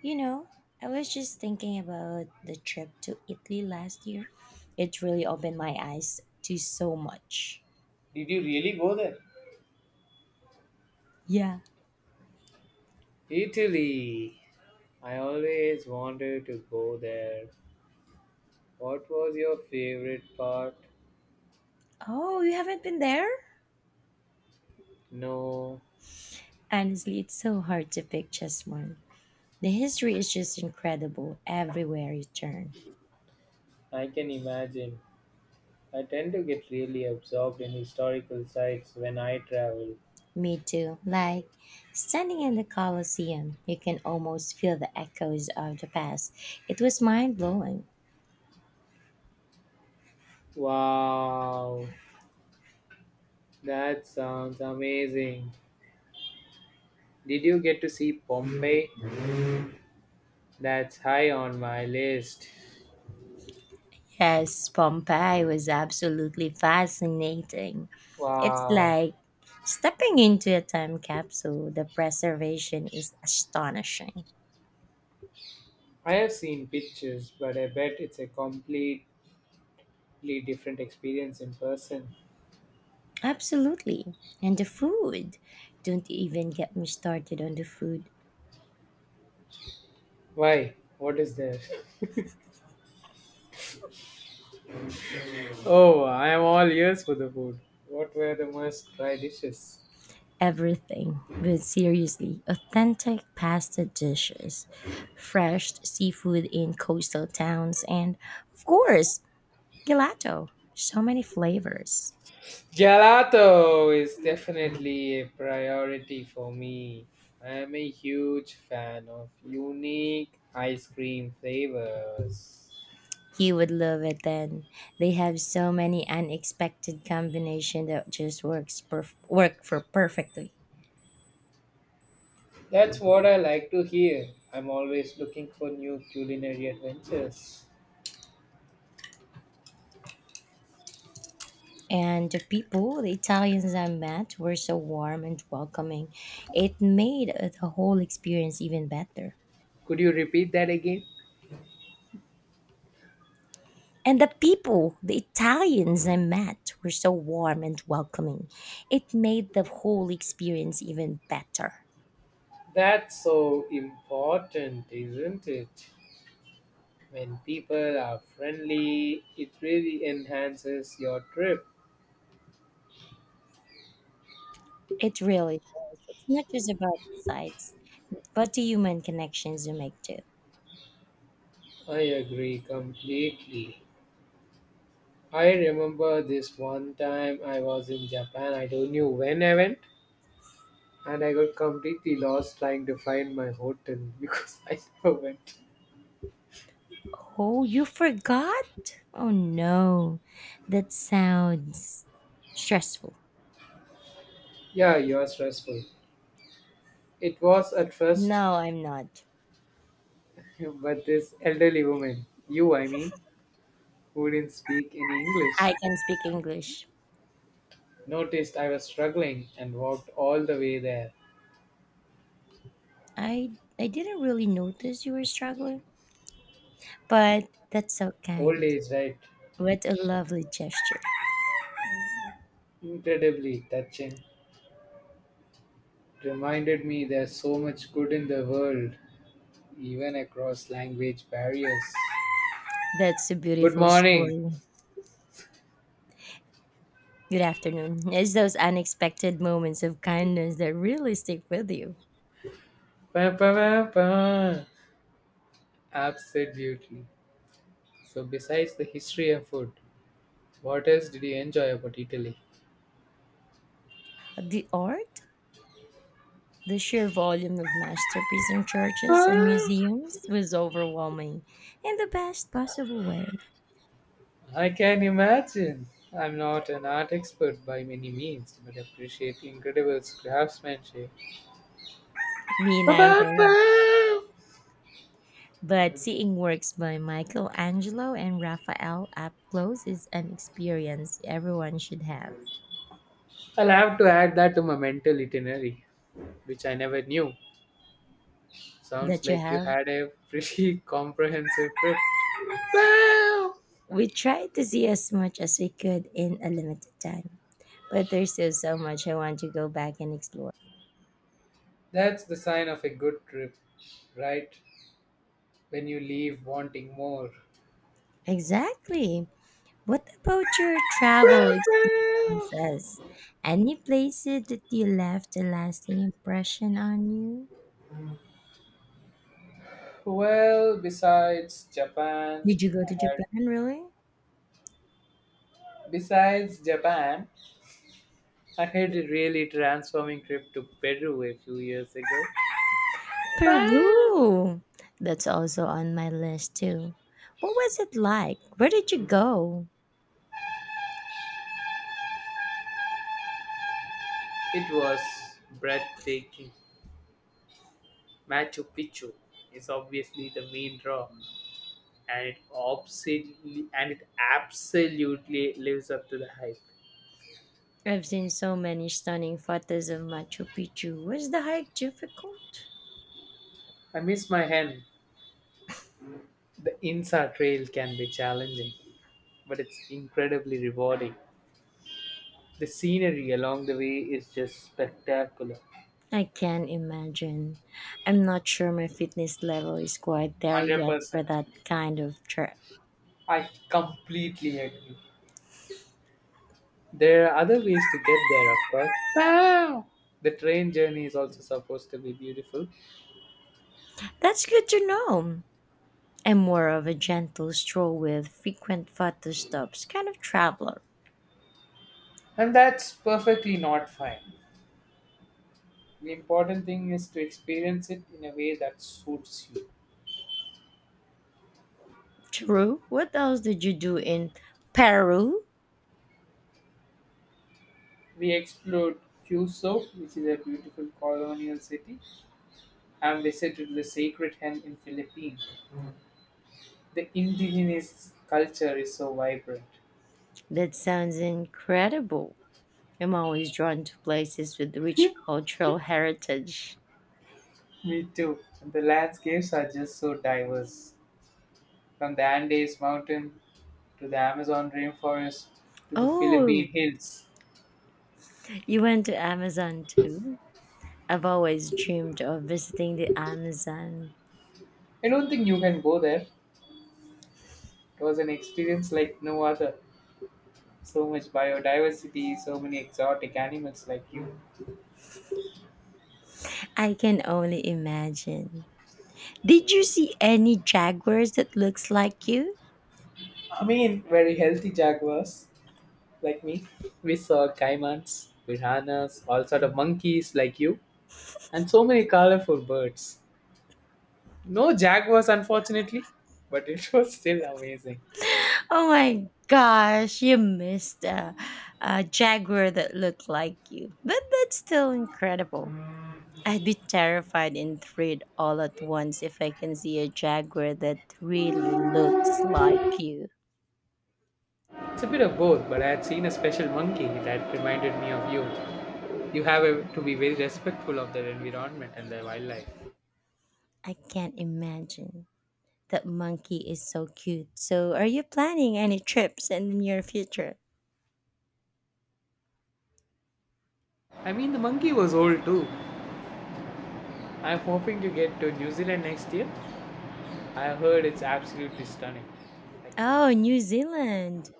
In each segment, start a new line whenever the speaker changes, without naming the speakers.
You know, I was just thinking about the trip to Italy last year. It really opened my eyes to so much.
Did you really go there?
Yeah.
Italy. I always wanted to go there. What was your favorite part?
Oh, you haven't been there?
No.
Honestly, it's so hard to pick just one. The history is just incredible everywhere you turn.
I can imagine. I tend to get really absorbed in historical sites when I travel.
Me too. Standing in the Colosseum, you can almost feel the echoes of the past. It was mind blowing.
Wow, that sounds amazing. Did you get to see Pompeii? That's high on my list.
Yes, Pompeii was absolutely fascinating. It's
Wow,
like stepping into a time capsule. The preservation is astonishing.
I have seen pictures, but I bet it's a completely different experience in person.
Absolutely. And the food. Don't even get me started on the food.
Why? What is there? Oh, I am all ears for the food. What were the must try dishes?
Everything. But seriously, authentic pasta dishes, fresh seafood in coastal towns, and of course, gelato. So many flavors.
Gelato is definitely a priority for me. I am a huge fan of unique ice cream flavors.
You would love it then. They have so many unexpected combination that just work for perfectly.
That's what I like to hear. I'm always looking for new culinary adventures.
And the people, the Italians I met, were so warm and welcoming. It made the whole experience even better.
Could you repeat that again?
And the people, the Italians I met, were so warm and welcoming. It made the whole experience even better.
That's so important, isn't it? When people are friendly, it really enhances your trip.
It really does. It's not just about the sites, but the human connections you make too.
I agree completely. I remember this one time I was in Japan, I don't know when I went, and I got completely lost trying to find my hotel because I never went.
Oh, you forgot? Oh no, that sounds stressful.
Yeah, you are stressful. It was at first,
No, I'm not.
but this elderly woman, who didn't speak any English,
I can speak English.
noticed I was struggling and walked all the way there.
I I didn't really notice you were struggling, but that's so
Old
kind.
age, right?
What a lovely gesture.
Incredibly touching. Reminded me there's so much good in the world, even across language barriers.
That's a
Good
beautiful
morning.
story. Good afternoon. It's those unexpected moments of kindness that really stick with you.
Pa, pa, pa, pa. Absolutely. So, besides the history and food, what else did you enjoy about Italy?
The art. The sheer volume of masterpieces in churches and museums was overwhelming in the best possible way.
I can imagine. I'm not an art expert by many means, but appreciate incredible craftsmanship.
Me
Pa, pa,
neither.
pa.
But seeing works by Michelangelo and Raphael up close is an experience everyone should have.
I'll have to add that to my mental itinerary, which I never knew. Sounds
That you
like you
have.
had a pretty comprehensive trip. Wow!
We tried to see as much as we could in a limited time, but there's still so much I want to go back and explore.
That's the sign of a good trip, right? When you leave wanting more.
Exactly. What about your
Wow,
travel
wow.
says, any places that you left a lasting impression on you?
Well, besides Japan,
Did you go
I
to
had,
Japan, really?
besides Japan, I had a really transforming trip to Peru a few years ago. Wow.
Peru! That's also on my list, too. What was it like? Where did you go?
It was breathtaking. Machu Picchu is obviously the main draw, and it absolutely lives up to the hype.
I've seen so many stunning photos of Machu Picchu. Was the hike difficult?
I miss my hen. The Insa Trail can be challenging, but it's incredibly rewarding. The scenery along the way is just spectacular.
I can imagine. I'm not sure my fitness level is quite there yet for
100%.
that kind of trip.
I completely agree. There are other ways to get there, of course. Wow! The train journey is also supposed to be beautiful,
That's good to know. I'm more of a gentle stroll with frequent photo stops kind of traveler.
and that's perfectly not fine. The important thing is to experience it in a way that suits you.
True. What else did you do in Peru?
We explored Cuso, which is a beautiful colonial city, and visited the Sacred Hen in Philippines. The indigenous culture is so vibrant.
That sounds incredible. I'm always drawn to places with rich cultural heritage.
Me too. The landscapes are just so diverse. From the Andes mountain to the Amazon rainforest to the
Oh,
Philippine hills.
you went to Amazon too? I've always dreamed of visiting the Amazon.
I don't think you can go there. It was an experience like no other. So much biodiversity, so many exotic animals like you.
I can only imagine. Did you see any jaguars that looks like you?
I mean, very healthy jaguars, like me. We saw caimans, piranhas, all sort of monkeys like you, and so many colorful birds. No jaguars, unfortunately, but it was still amazing.
Oh my gosh, you missed a jaguar that looked like you. But that's still incredible. I'd be terrified and thrilled all at once if I can see a jaguar that really looks like you.
It's a bit of both, but I had seen a special monkey that reminded me of you. You have a- to be very respectful of their environment and their wildlife.
I can't imagine. That monkey is so cute. So, are you planning any trips in the near future?
I mean, the monkey was old too. I'm hoping to get to New Zealand next year. I heard it's absolutely stunning. Like me.
Oh, New Zealand.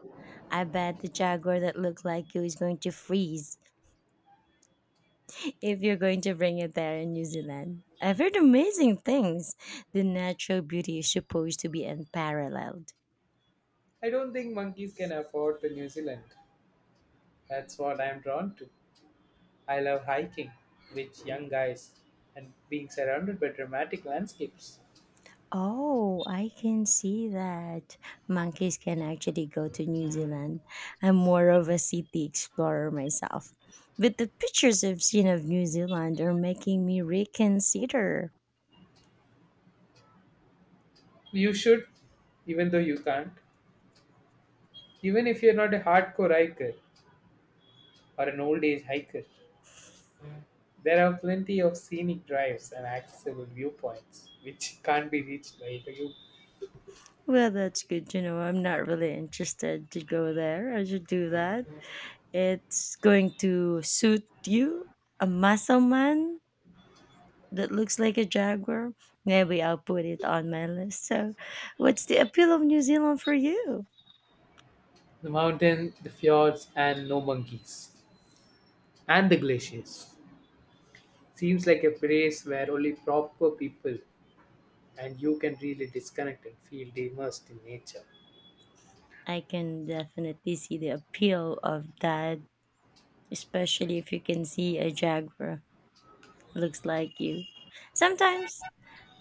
I bet the jaguar that looked like you is going to freeze if you're going to bring it there in New Zealand. I've heard amazing things. The natural beauty is supposed to be unparalleled.
I don't think monkeys can afford to New Zealand. That's what I'm drawn to. I love hiking with young guys and being surrounded by dramatic landscapes.
Oh, I can see that. Monkeys can actually go to New Zealand. I'm more of a city explorer myself. But the pictures I've seen of New Zealand are making me reconsider.
You should, even though you can't. Even if you're not a hardcore hiker or an old age hiker, there are plenty of scenic drives and accessible viewpoints which can't be reached by you.
Well, that's good to know. I'm not really interested to go there. I should do that. It's going to suit you, a muscle man that looks like a jaguar, maybe I'll put it on my list. So, what's the appeal of New Zealand for you?
The mountain, the fjords, and no monkeys, and the glaciers. Seems like a place where only proper people and you can really disconnect and feel immersed in nature.
I can definitely see the appeal of that, especially if you can see a jaguar looks like you. Sometimes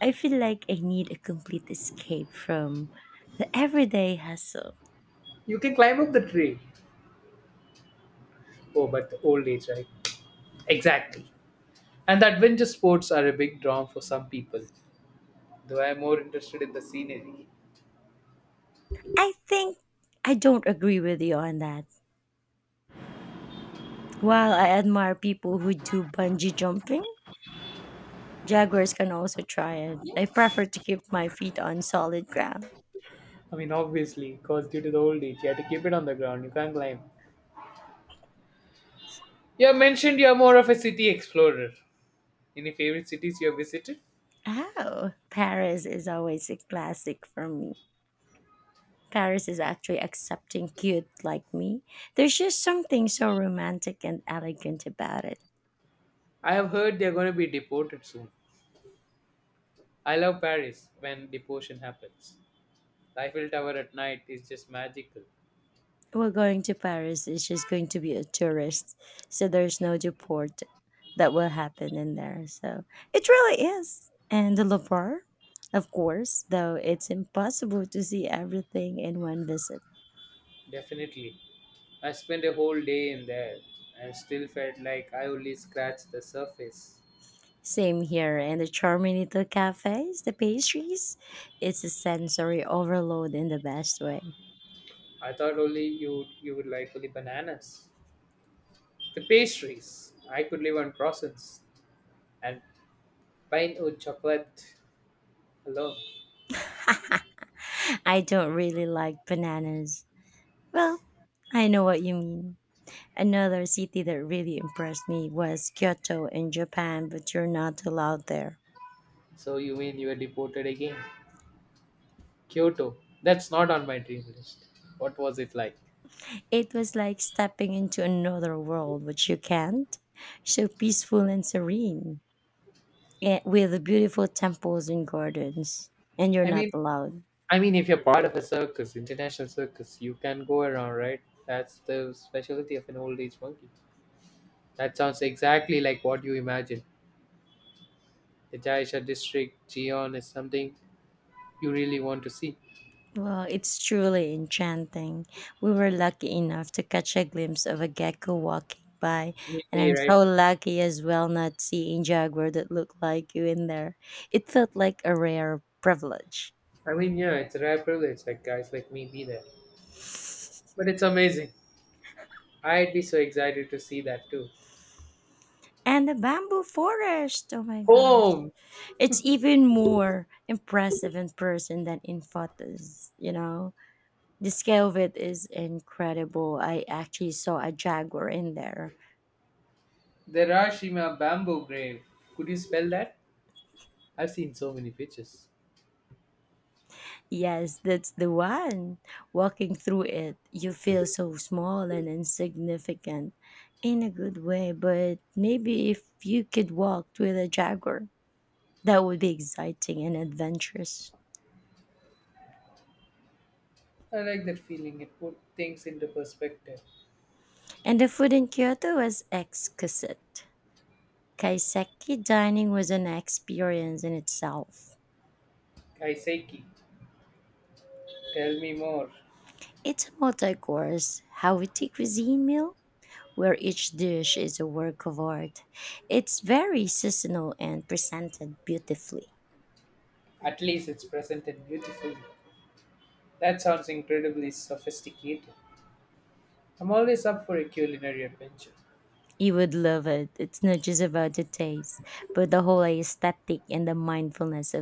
I feel like I need a complete escape from the everyday hustle.
You can climb up the tree. Oh, but the old age, right? Exactly. And the adventure sports are a big draw for some people, though I am more interested in the scenery.
I think I don't agree with you on that. While I admire people who do bungee jumping, jaguars can also try it. I prefer to keep my feet on solid ground.
I mean, obviously, because due to the old age, you have to keep it on the ground. You can't climb. You have mentioned you are more of a city explorer. Any favorite cities you have visited?
Oh, Paris is always a classic for me. Paris is actually accepting cute like me. There's just something so romantic and elegant about it.
I have heard they are going to be deported soon. I love Paris when deportation happens. The Eiffel Tower at night is just magical.
We're going to Paris. It's just going to be a tourist, so there's no deport that will happen in there. So it really is. And the Louvre, of course, though it's impossible to see everything in one visit.
Definitely. I spent a whole day in there and still felt like I only scratched the surface.
Same here, and the charm in little cafes, the pastries, it's a sensory overload in the best way.
I thought only you would like only bananas. The pastries. I could live on croissants and pine wood chocolate alone.
I don't really like bananas. Well, I know what you mean. Another city that really impressed me was Kyoto in Japan, but you're not allowed there.
So you mean you were deported again? Kyoto. That's not on my dream list. What was it like?
It was like stepping into another world, which you can't. So peaceful and serene, with beautiful temples and gardens, and you're
I
not
mean
allowed.
I mean if you're part of a circus, international circus, you can go around, right? That's the specialty of an old age monkey. That sounds exactly like what you imagine. The Jaisha district, Jeon is something you really want to see.
Well, it's truly enchanting. We were lucky enough to catch a glimpse of a gecko walking by,
Me,
and
me,
I'm so
right?
lucky as well not seeing jaguar that looked like you in there. It felt like a rare privilege.
I mean, yeah, it's a rare privilege, like guys like me be there. But it's amazing. I'd be so excited to see that too.
And the bamboo forest. Oh my gosh.
Home!
It's even more impressive in person than in photos. The scale of it is incredible. I actually saw a jaguar in there.
The Rashima bamboo grave. Could you spell that? I've seen so many pictures.
Yes, that's the one. Walking through it, you feel so small and insignificant in a good way. But maybe if you could walk with a jaguar, that would be exciting and adventurous.
I like that feeling. It put things into perspective.
And the food in Kyoto was exquisite. Kaiseki dining was an experience in itself.
Kaiseki, tell me more.
It's a multi course, Hawiti cuisine meal where each dish is a work of art. It's very seasonal and presented beautifully.
At least it's presented beautifully. That sounds incredibly sophisticated. I'm always up for a culinary adventure.
You would love it. It's not just about the taste, but the whole aesthetic and the mindfulness of